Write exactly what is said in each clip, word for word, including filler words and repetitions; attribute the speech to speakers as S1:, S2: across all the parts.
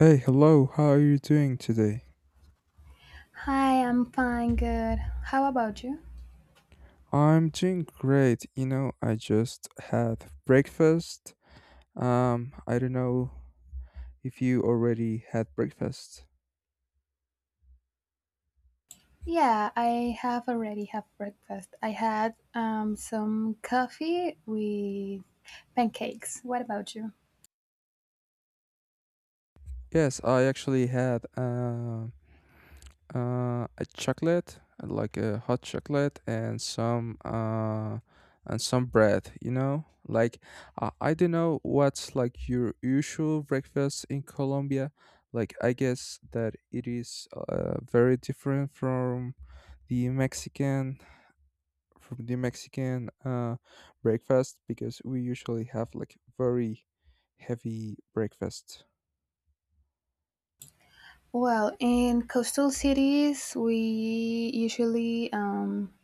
S1: Hey, hello, how are you doing today?
S2: Hi, I'm fine, good. How about you?
S1: I'm doing great. You know, I just had breakfast. Um, I don't know if you already had breakfast.
S2: Yeah, I have already have breakfast. I had um, some coffee with pancakes. What about you?
S1: Yes, I actually had uh, uh, a chocolate, like a hot chocolate, and some uh, and some bread. You know, like I, I don't know what's like your usual breakfast in Colombia. Like I guess that it is uh, very different from the Mexican from the Mexican uh, breakfast because we usually have like very heavy breakfast.
S2: Well, in coastal cities, we usually um,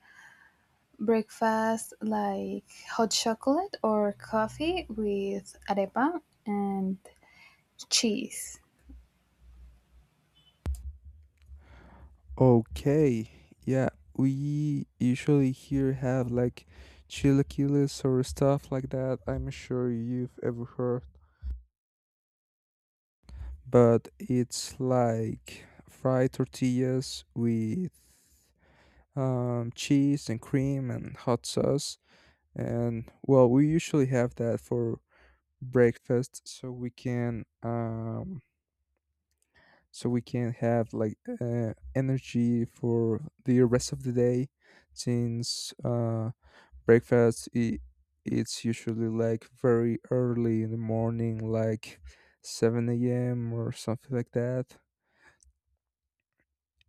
S2: breakfast like hot chocolate or coffee with arepa and cheese.
S1: Okay, yeah, we usually here have like chilaquiles or stuff like that. I'm sure you've ever heard, but it's like fried tortillas with um, cheese and cream and hot sauce. And well, we usually have that for breakfast so we can um so we can have like uh, energy for the rest of the day since uh breakfast I it's usually like very early in the morning like seven a m a.m or something like that.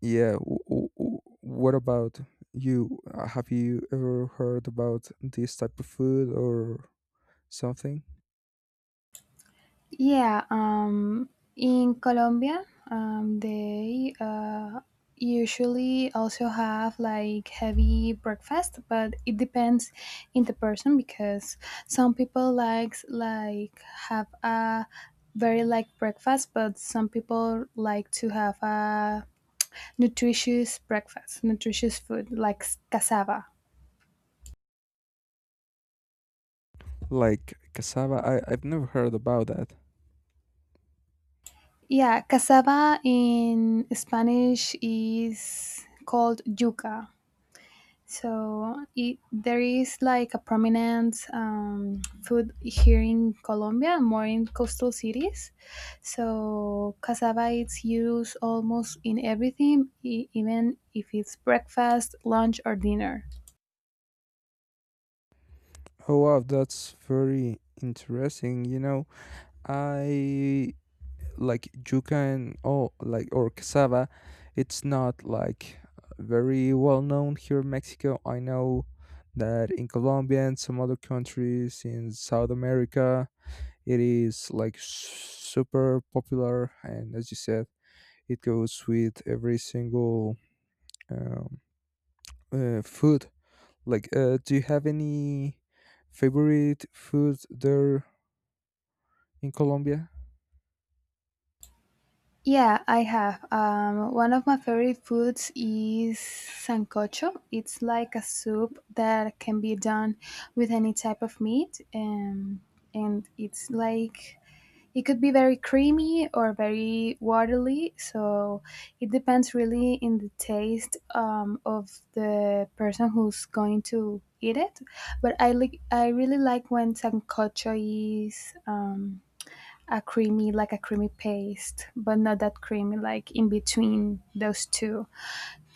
S1: Yeah, w- w- w- what about you? Uh, have you ever heard about this type of food or something
S2: Yeah, um, in Colombia, um, they uh, usually also have like heavy breakfast, but it depends in the person because some people likes like have a very light breakfast, but some people like to have a nutritious breakfast, nutritious food like s- cassava.
S1: like cassava? I, I've never heard about that.
S2: Yeah, cassava in Spanish is called yuca. So it, there is like a prominent um, food here in Colombia, more in coastal cities. So cassava is used almost in everything, e- even if it's breakfast, lunch, or dinner.
S1: Oh wow, that's very interesting. You know, I like yuca and oh, like or cassava. It's not like very well known here in Mexico. I know that in Colombia and some other countries in South America, it is like super popular. And as you said, it goes with every single um, uh, food. Like, uh, do you have any favorite food there in Colombia?
S2: Yeah, I have. Um, one of my favorite foods is sancocho. It's like a soup that can be done with any type of meat, and and it's like it could be very creamy or very watery, so it depends really in the taste um, of the person who's going to eat it. But I like I really like when sancocho is um, a creamy like a creamy paste, but not that creamy, like in between those two,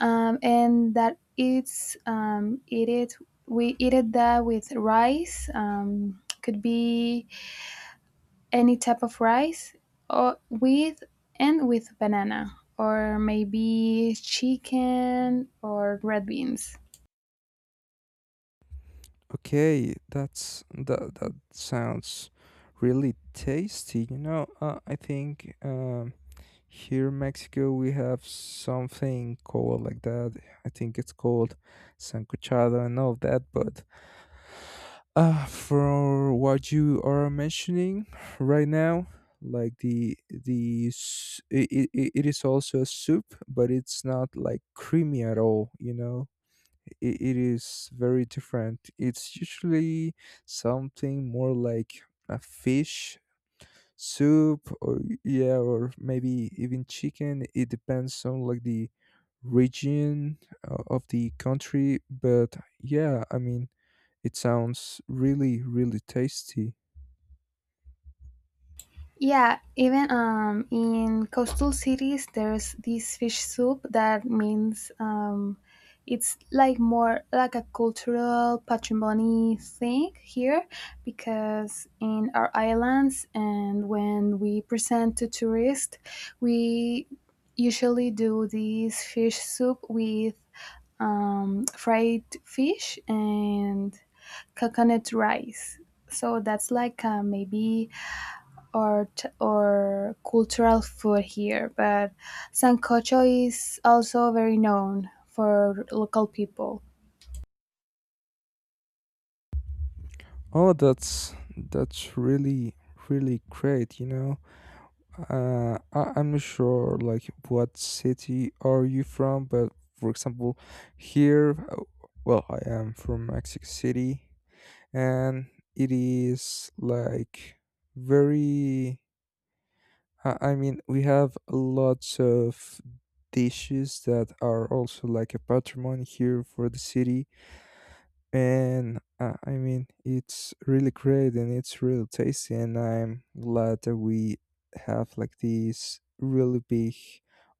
S2: um, and that it's um, eat it we eat it that with rice. Um, could be any type of rice, or with and with banana, or maybe chicken or red beans.
S1: Okay, that's that that sounds really tasty. You know, uh, I think um, here in Mexico we have something called like that. I think it's called sancochado and all of that. But uh, for what you are mentioning right now, like the the it, it, it is also a soup, but it's not like creamy at all. You know, it, it is very different. It's usually something more like a fish soup, or yeah, or maybe even chicken. It depends on like the region uh, of the country. But yeah, I mean, it sounds really really tasty.
S2: Yeah, even um, in coastal cities, there's this fish soup that means, um, it's like more like a cultural patrimony thing here because in our islands and when we present to tourists, we usually do this fish soup with um, fried fish and coconut rice. So that's like, uh, maybe art or cultural food here, but sancocho is also very known for local people.
S1: Oh, that's that's really really great, you know. Uh, I, I'm not sure, like, what city are you from, but for example, here, uh, well, I am from Mexico City, and it is like very. I, I mean, we have lots of dishes that are also like a patrimony here for the city, and uh, I mean, it's really great and it's really tasty. And I'm glad that we have like this really big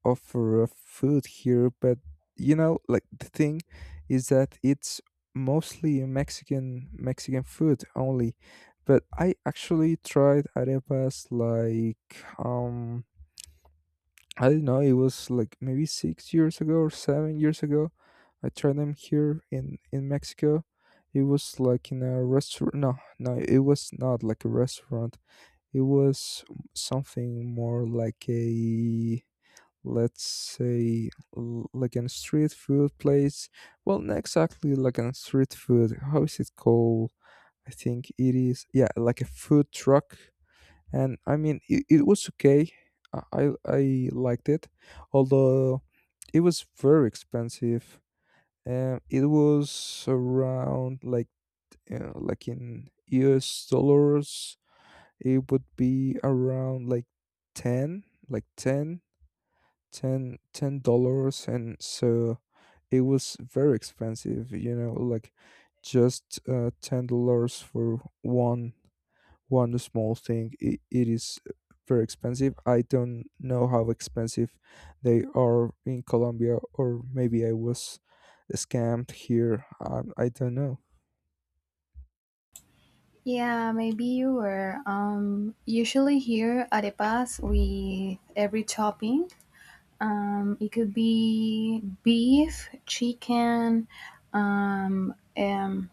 S1: offer of food here. But you know, like the thing is that it's mostly a Mexican Mexican food only. But I actually tried arepas like um I don't know, it was like maybe six years ago or seven years ago. I tried them here in in Mexico. It was like in a restaurant. No, no, it was not like a restaurant. It was something more like a, let's say, l- like a street food place. Well, not exactly like a street food. How is it called? I think it is. Yeah, like a food truck. And I mean it, it was okay. I I I liked it, although it was very expensive. Um, it was around like uh, like in U S dollars, it would be around like ten, like ten, ten, ten dollars, and so it was very expensive. You know, like just uh, ten dollars for one one small thing, it, it is very expensive. I don't know how expensive they are in Colombia, or maybe I was scammed here, um, I don't know.
S2: Yeah, maybe you were. Um, usually here arepas with every topping. Um, it could be beef, chicken, um, um,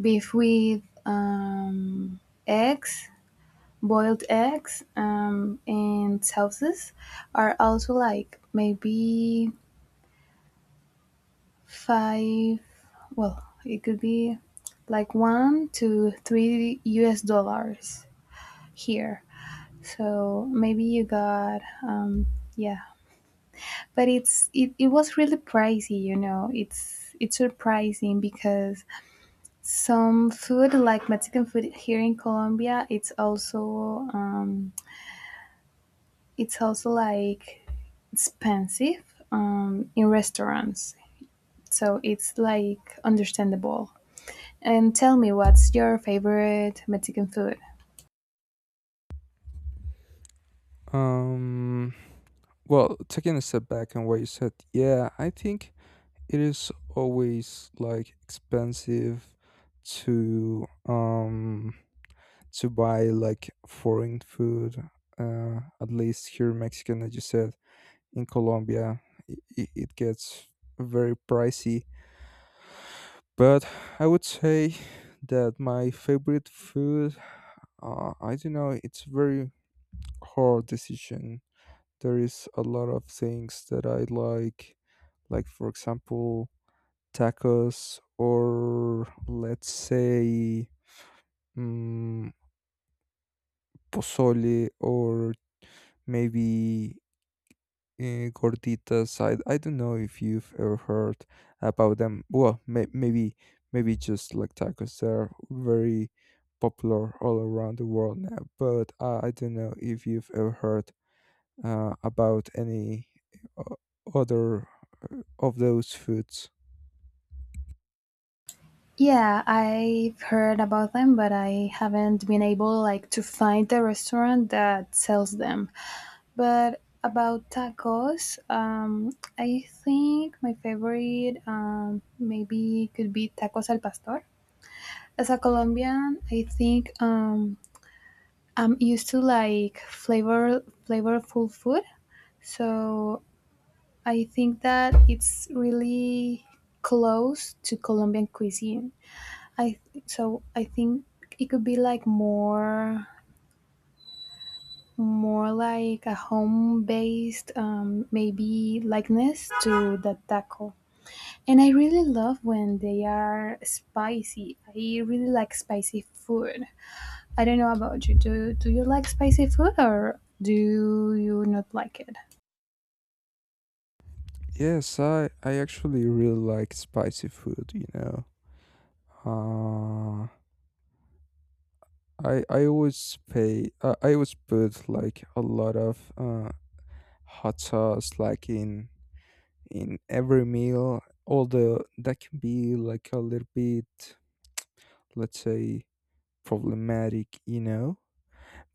S2: beef with um, eggs, boiled eggs, um, and sauces are also like maybe five, well, it could be like one to three U S dollars here. So maybe you got, um, yeah, but it's it, it was really pricey, you know. It's it's surprising because some food like Mexican food here in Colombia, it's also um, it's also like expensive um, in restaurants, so it's like understandable. And tell me, what's your favorite Mexican food?
S1: um well, taking a step back on what you said, yeah, I think it is always like expensive to um to buy like foreign food, uh, at least here in Mexico. As you said, in Colombia, it, it gets very pricey. But I would say that my favorite food, uh, I don't know, it's very hard decision. There is a lot of things that I like, like for example, tacos, or let's say, mm pozole, or maybe uh, gorditas. I, I don't know if you've ever heard about them. Well, may, maybe maybe just like tacos. They're very popular all around the world now. But uh, I don't know if you've ever heard uh, about any uh, other uh, of those foods.
S2: Yeah, I've heard about them, but I haven't been able like to find a restaurant that sells them. But about tacos, um, I think my favorite, um, maybe could be tacos al pastor. As a Colombian, I think, um, I'm used to like flavor flavorful food, so I think that it's really close to Colombian cuisine. I so I think it could be like more more like a home based um, maybe likeness to the taco. And I really love when they are spicy. I really like spicy food. I don't know about you. Do, do you like spicy food, or do you not like it?
S1: Yes, I, I actually really like spicy food, you know. Uh, I I always pay. Uh, I always put like a lot of uh, hot sauce, like in in every meal, although that can be like a little bit, let's say, problematic, you know.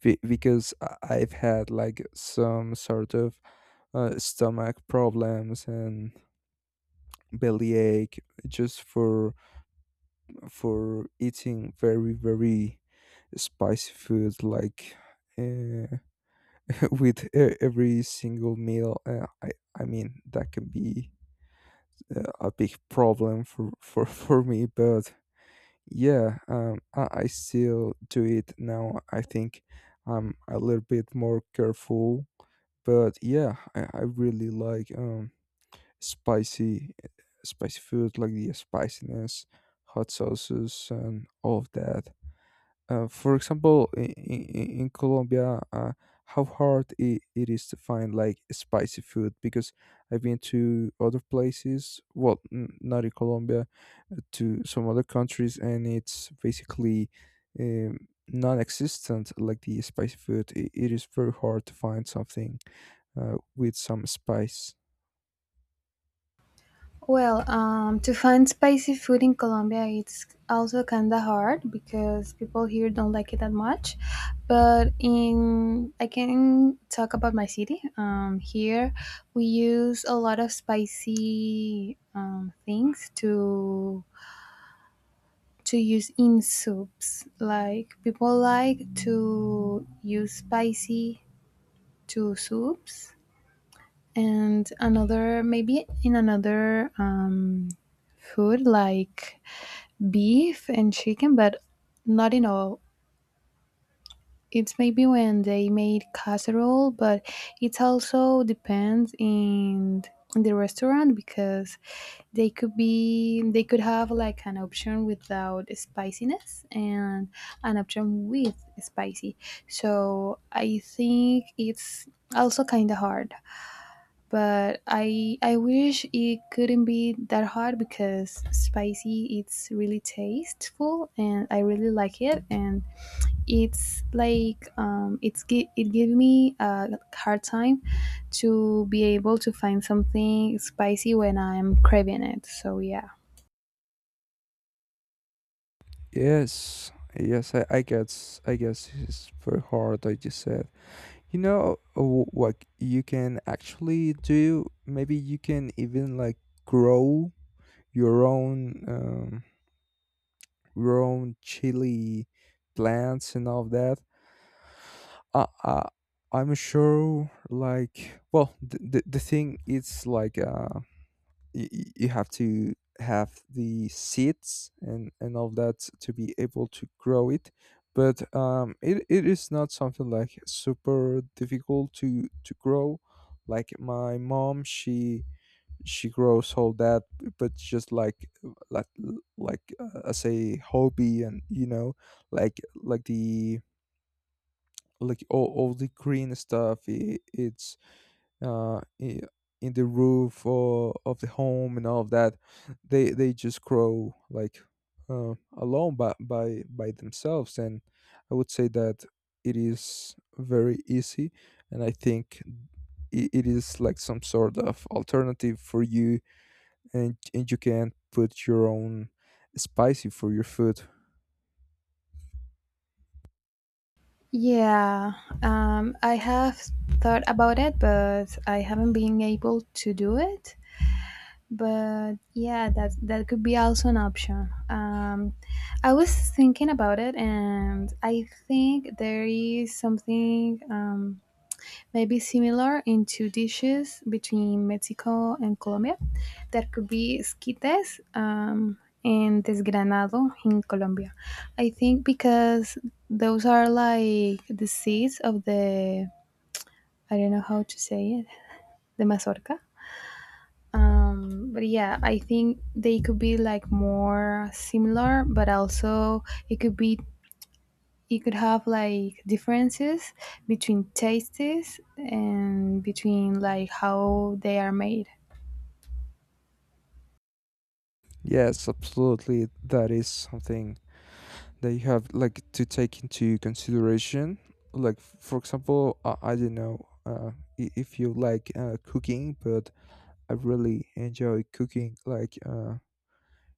S1: Be- because I- I've had like some sort of uh, stomach problems and bellyache just for for eating very very spicy food like uh, with e- every single meal. Uh, I I mean that can be uh, a big problem for for for me. But yeah, um, I, I still do it now. I think I'm a little bit more careful, but yeah, I, I really like um spicy spicy food, like the spiciness, hot sauces, and all of that. Uh, for example, in, in, in Colombia, uh, how hard it, it is to find like spicy food? Because I've been to other places, well, n- not in Colombia, uh, to some other countries, and it's basically um, non existent, like the spicy food. It, it is very hard to find something uh, with some spice.
S2: Well, um, to find spicy food in Colombia, it's also kind of hard because people here don't like it that much. But in I can talk about my city. Um, here, we use a lot of spicy um, things to to use in soups. Like, people like to use spicy to soups, and another, maybe in another, um, food like beef and chicken, but not in all. It's maybe when they made casserole, but it also depends in in the restaurant because they could be they could have like an option without spiciness and an option with spicy. So I think it's also kind of hard, but I I wish it couldn't be that hard, because spicy, it's really tasteful and I really like it. And it's like, um, it's gi- it gave me a hard time to be able to find something spicy when I'm craving it. So yeah.
S1: Yes, yes, I, I guess, I guess it's very hard, I just said. You know, uh, w- what you can actually do? Maybe you can even like grow your own um, your own chili plants and all that. I, I I'm sure like well the, the, the thing is like uh y- y- you have to have the seeds and and all that to be able to grow it. But um it, it is not something like super difficult to to grow. Like my mom, she she grows all that, but just like like like uh, as a hobby, and you know, like like the like all, all the green stuff, it, it's uh, i- in the roof or of the home and all of that, they they just grow like uh, alone by, by by themselves. And I would say that it is very easy, and I think it, it is like some sort of alternative for you, and and you can put your own spicy for your food.
S2: Yeah, um, I have thought about it, but I haven't been able to do it. But yeah, that that could be also an option. um I was thinking about it, and I think there is something, um maybe similar, in two dishes between Mexico and Colombia, that could be esquites, um and desgranado in Colombia. I think, because those are like the seeds of the, I don't know how to say it, the mazorca. Um, but yeah, I think they could be like more similar, but also it could be it could have like differences between tastes and between like how they are made.
S1: Yes, absolutely. That is something that you have like to take into consideration. Like for example, i, I don't know uh, i- if you like uh, cooking, but I really enjoy cooking, like uh,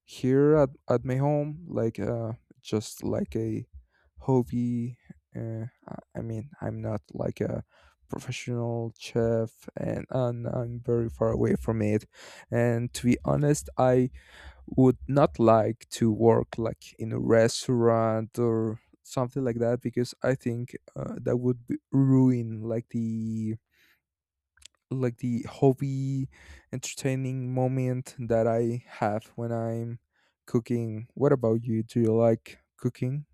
S1: here at, at my home, like uh, just like a hobby. uh, i I mean I'm not like a professional chef, and, and I'm very far away from it. And to be honest, I would not like to work like in a restaurant or something like that, because I think uh, that would b- ruin like the like the hobby entertaining moment that I have when I'm cooking. What about you? Do you like cooking?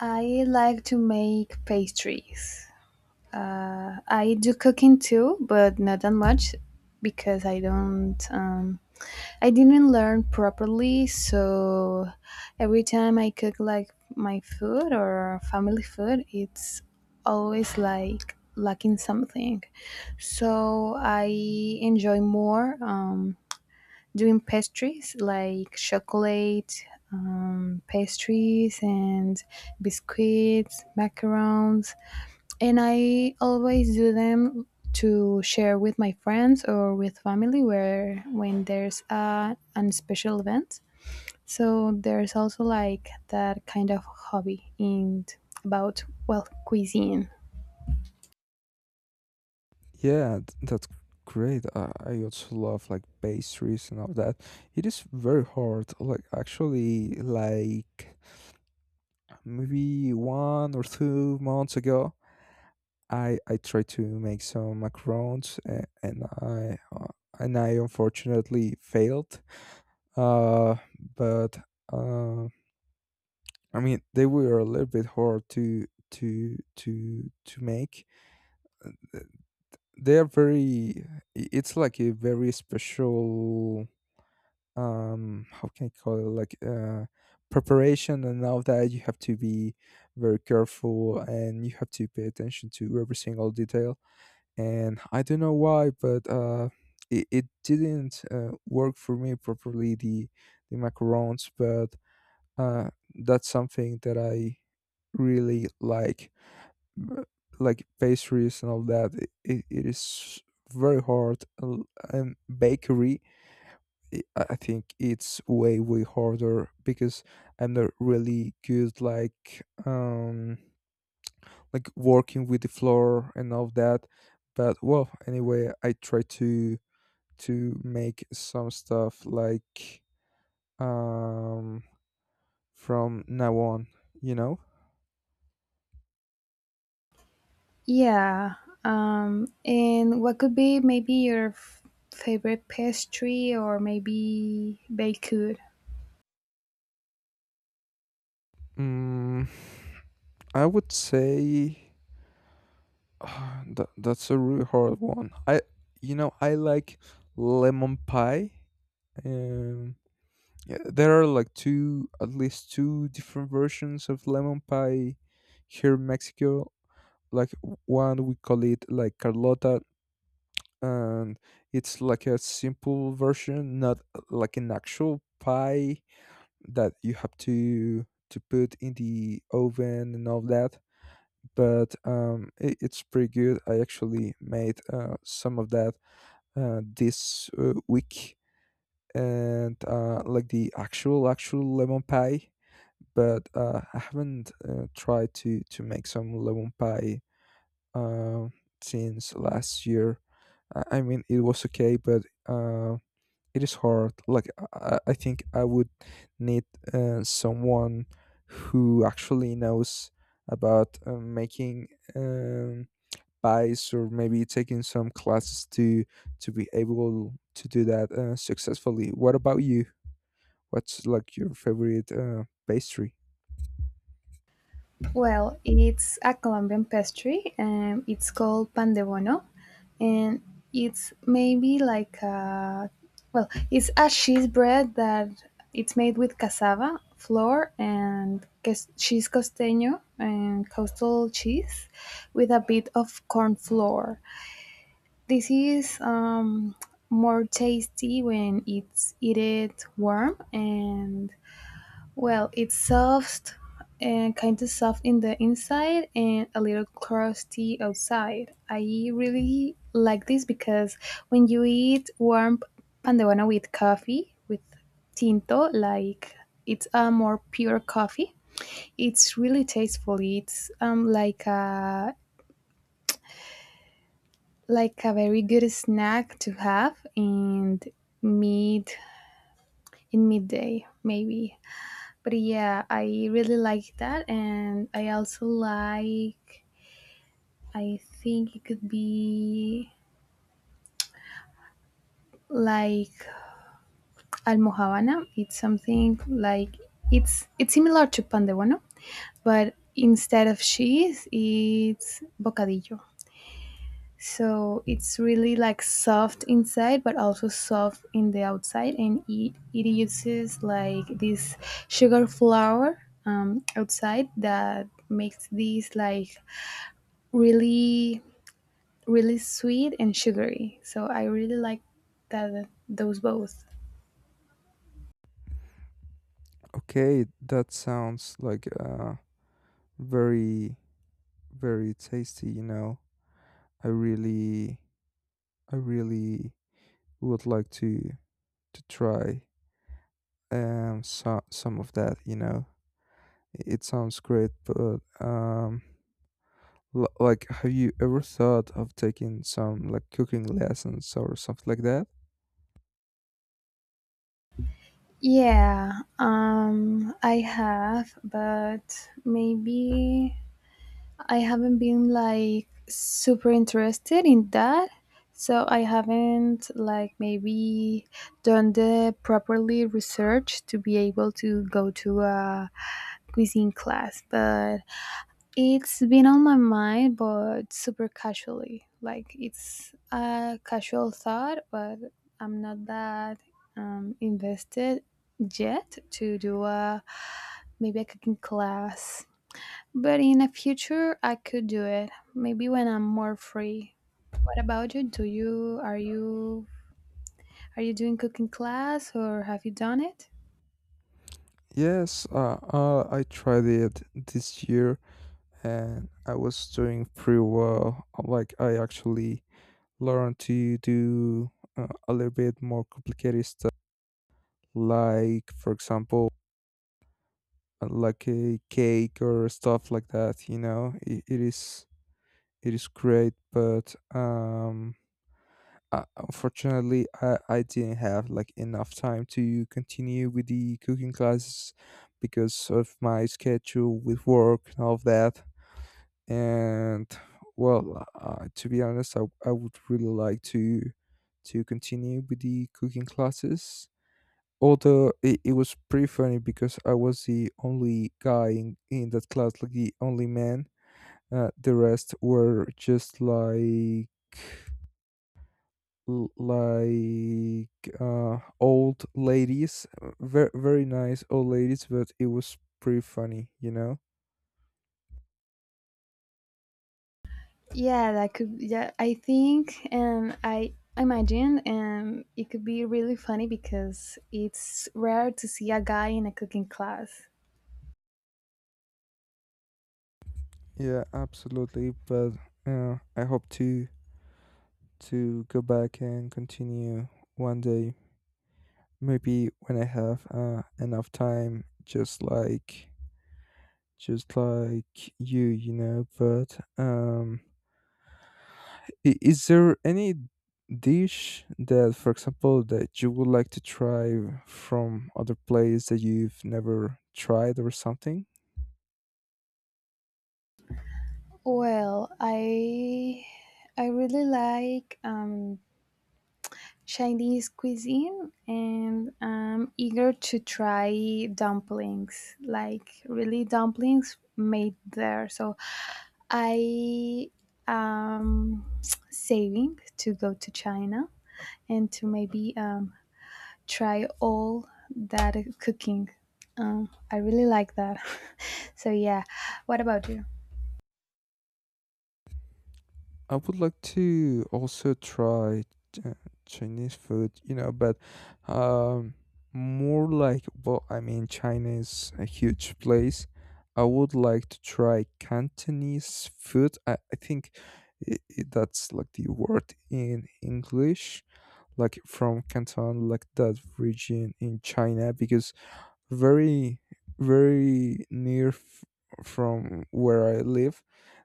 S2: I like to make pastries. Uh, I do cooking too, but not that much because I don't. Um, I didn't learn properly, so every time I cook like my food or family food, it's always like lacking something. So I enjoy more, um, doing pastries like chocolate, um, pastries, and biscuits, macarons, and I always do them to share with my friends or with family where when there's a an special event. So there's also like that kind of hobby in about, well, cuisine.
S1: Yeah, th- that's great. I, I also love like pastries and all that. It is very hard. Like actually, like maybe one or two months ago, I I tried to make some macarons uh, and I uh, and I unfortunately failed. Uh, but uh, I mean they were a little bit hard to to to to make. They are very. i- It's like a very special. Um, how can I call it? Like uh, preparation and all that. You have to be very careful and you have to pay attention to every single detail, and I don't know why, but uh, it, it didn't uh, work for me properly, the the macarons. But uh, that's something that I really like, b- like pastries and all that. It, it, it is very hard. L- Um, bakery, I I think it's way way harder because I'm not really good like um like working with the flour and all that. But well, anyway, I try to to make some stuff like um from now on, you know.
S2: Yeah. Um, and what could be maybe your f- favorite pastry, or maybe baked good?
S1: mm, I would say that, that's a really hard one. I You know, I like lemon pie. um yeah, there are like two, at least two different versions of lemon pie here in Mexico. Like one we call it like carlota, and it's like a simple version, not uh, like an actual pie that you have to to put in the oven and all that. But um, it, it's pretty good. I actually made uh, some of that uh, this uh, week, and uh, like the actual actual lemon pie. But uh, I haven't uh, tried to to make some lemon pie uh, since last year. I I mean, it was okay, but uh, it is hard. Like i, I think i would need uh, someone who actually knows about um, making, um, buys, or maybe taking some classes to to be able to do that uh, successfully. What about you? What's like your favorite uh, pastry?
S2: Well, it's a Colombian pastry, and it's called pan de bono, and it's maybe like a well, it's a cheese bread that it's made with cassava flour and cas- cheese costeño, and coastal cheese, with a bit of corn flour. This is, um, more tasty when it's eat it warm, and well, it's soft and kind of soft in the inside and a little crusty outside. I really like this because when you eat warm pandewana with coffee, with tinto, like it's a more pure coffee, it's really tasteful. It's um like a like a very good snack to have and meat in midday maybe. But yeah, I really like that, and I also like, I think it could be like almohavana. It's something like, it's it's similar to pan de bono, but instead of cheese, it's bocadillo. So it's really like soft inside, but also soft in the outside, and it, it uses like this sugar flour, um, outside, that makes this like really really sweet and sugary, so I really like that, those both.
S1: Okay, that sounds like uh, very very tasty, you know. I really i really would like to to try um so, some of that, you know. It sounds great, but um l- like, have you ever thought of taking some like cooking lessons or something like that?
S2: Yeah, um I have, but maybe I haven't been like super interested in that. So I haven't like maybe done the properly research to be able to go to a cuisine class, but it's been on my mind, but super casually. Like, it's a casual thought, but I'm not that, um, invested yet to do a maybe a cooking class. But in the future, I could do it. Maybe when I'm more free. What about you? Do you are you are you doing cooking class, or have you done it?
S1: Yes, uh, uh I tried it this year and I was doing pretty well. Like, I actually learned to do uh, a little bit more complicated stuff, like, for example, uh, like a cake or stuff like that, you know. It, it is it is great, but um, uh, unfortunately, I, I didn't have like enough time to continue with the cooking classes because of my schedule with work and all of that. And well, uh, to be honest, I, I would really like to to continue with the cooking classes. Although it, it was pretty funny because I was the only guy in, in that class, like the only man. Uh, the rest were just like l- like uh, old ladies, very very nice old ladies, but it was pretty funny, you know.
S2: Yeah, that could, yeah, I think, and I imagine, and it could be really funny because it's rare to see a guy in a cooking class.
S1: Yeah, absolutely. But uh, I hope to to go back and continue one day, maybe when I have uh, enough time, just like just like you, you know. But um, I- Is there any dish that, for example, that you would like to try from other place that you've never tried or something?
S2: Well, I I really like, um Chinese cuisine, and I'm eager to try dumplings, like really dumplings made there. So I am saving to go to China, and to maybe, um, try all that cooking. Um, I really like that. So yeah, what about you?
S1: I would like to also try uh, Chinese food, you know, but um, more like, well, I mean, China is a huge place. I would like to try Cantonese food. I, I think I I that's like the word in English, like from Canton, like that region in China. Because very very near f- from where I live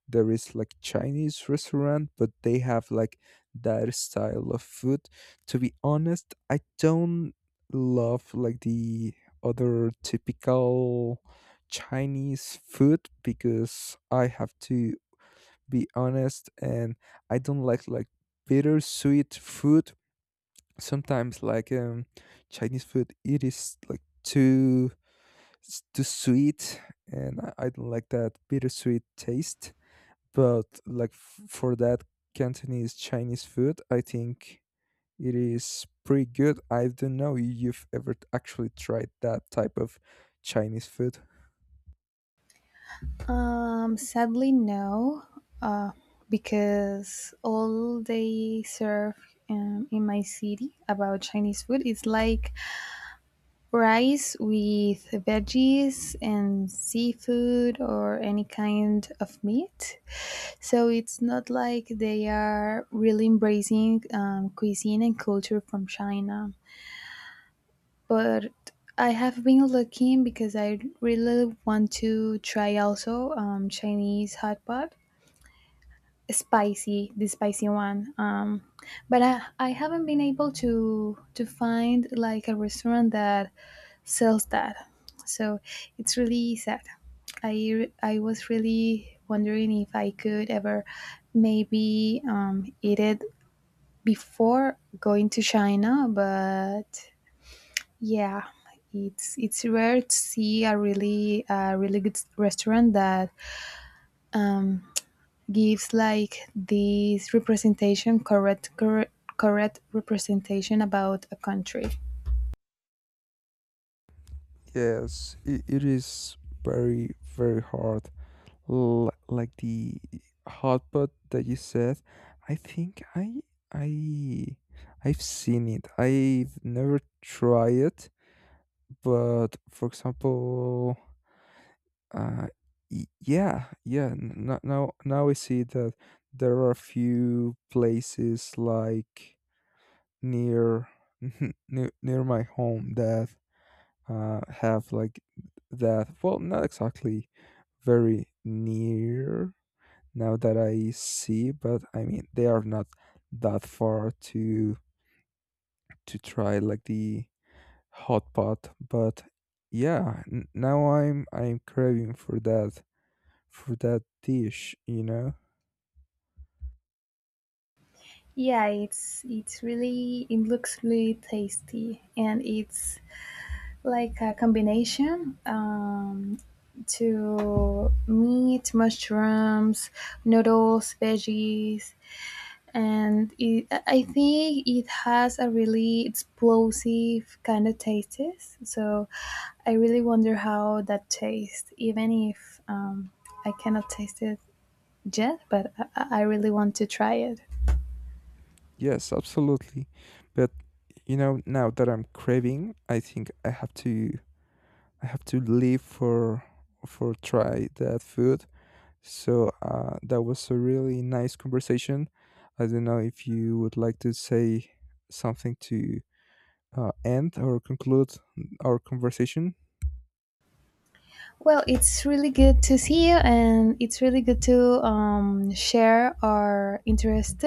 S1: there is like Chinese restaurant, but they have like that style of food. To be honest, I don't love like the other typical Chinese food, because I have to be honest. And I don't like like bitter sweet food. Sometimes like, um Chinese food, it is like too s- too sweet, and i I don't like that bittersweet taste. But like f- for that Cantonese Chinese food, I think it is pretty good. I don't know if you've ever t- actually tried that type of Chinese food.
S2: Um, sadly, no, uh, because all they serve, um, in my city about Chinese food, is like rice with veggies and seafood or any kind of meat. So it's not like they are really embracing, um, cuisine and culture from China. But I have been looking, because I really want to try also, um, Chinese hot pot, spicy the spicy one. Um but I, I haven't been able to to find like a restaurant that sells that. So it's really sad. I re- i was really wondering if I could ever, maybe um eat it before going to China. But yeah, it's it's rare to see a really a really good restaurant that gives like this representation, correct correct correct representation about a country.
S1: Yes, it, it is very very hard. L- like the hot pot that you said, I think i i I've seen it. I've never tried it. But for example, uh y- yeah, yeah, n- n- now now I see that there are a few places like near near, near my home that uh have like that. Well, not exactly very near now that I see, but I mean they are not that far to to try like the hot pot. But yeah, n- now I'm I'm craving for that, for that dish, you know.
S2: Yeah, it's it's really it looks really tasty, and it's like a combination, um to meat, mushrooms, noodles, veggies, and it, I think it has a really explosive kind of taste. So I really wonder how that tastes, even if, um, I cannot taste it yet, but I, I I really want to try it.
S1: Yes, absolutely. But you know, now that I'm craving, I think I have to I have to leave for for try that food. So uh, that was a really nice conversation. I don't know if you would like to say something to uh, end or conclude our conversation.
S2: Well, it's really good to see you, and it's really good to, um, share our interests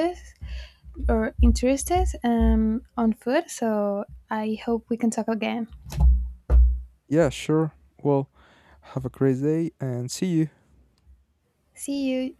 S2: or interests, um, on food. So I hope we can talk again.
S1: Yeah, sure. Well, have a great day and see you.
S2: See you.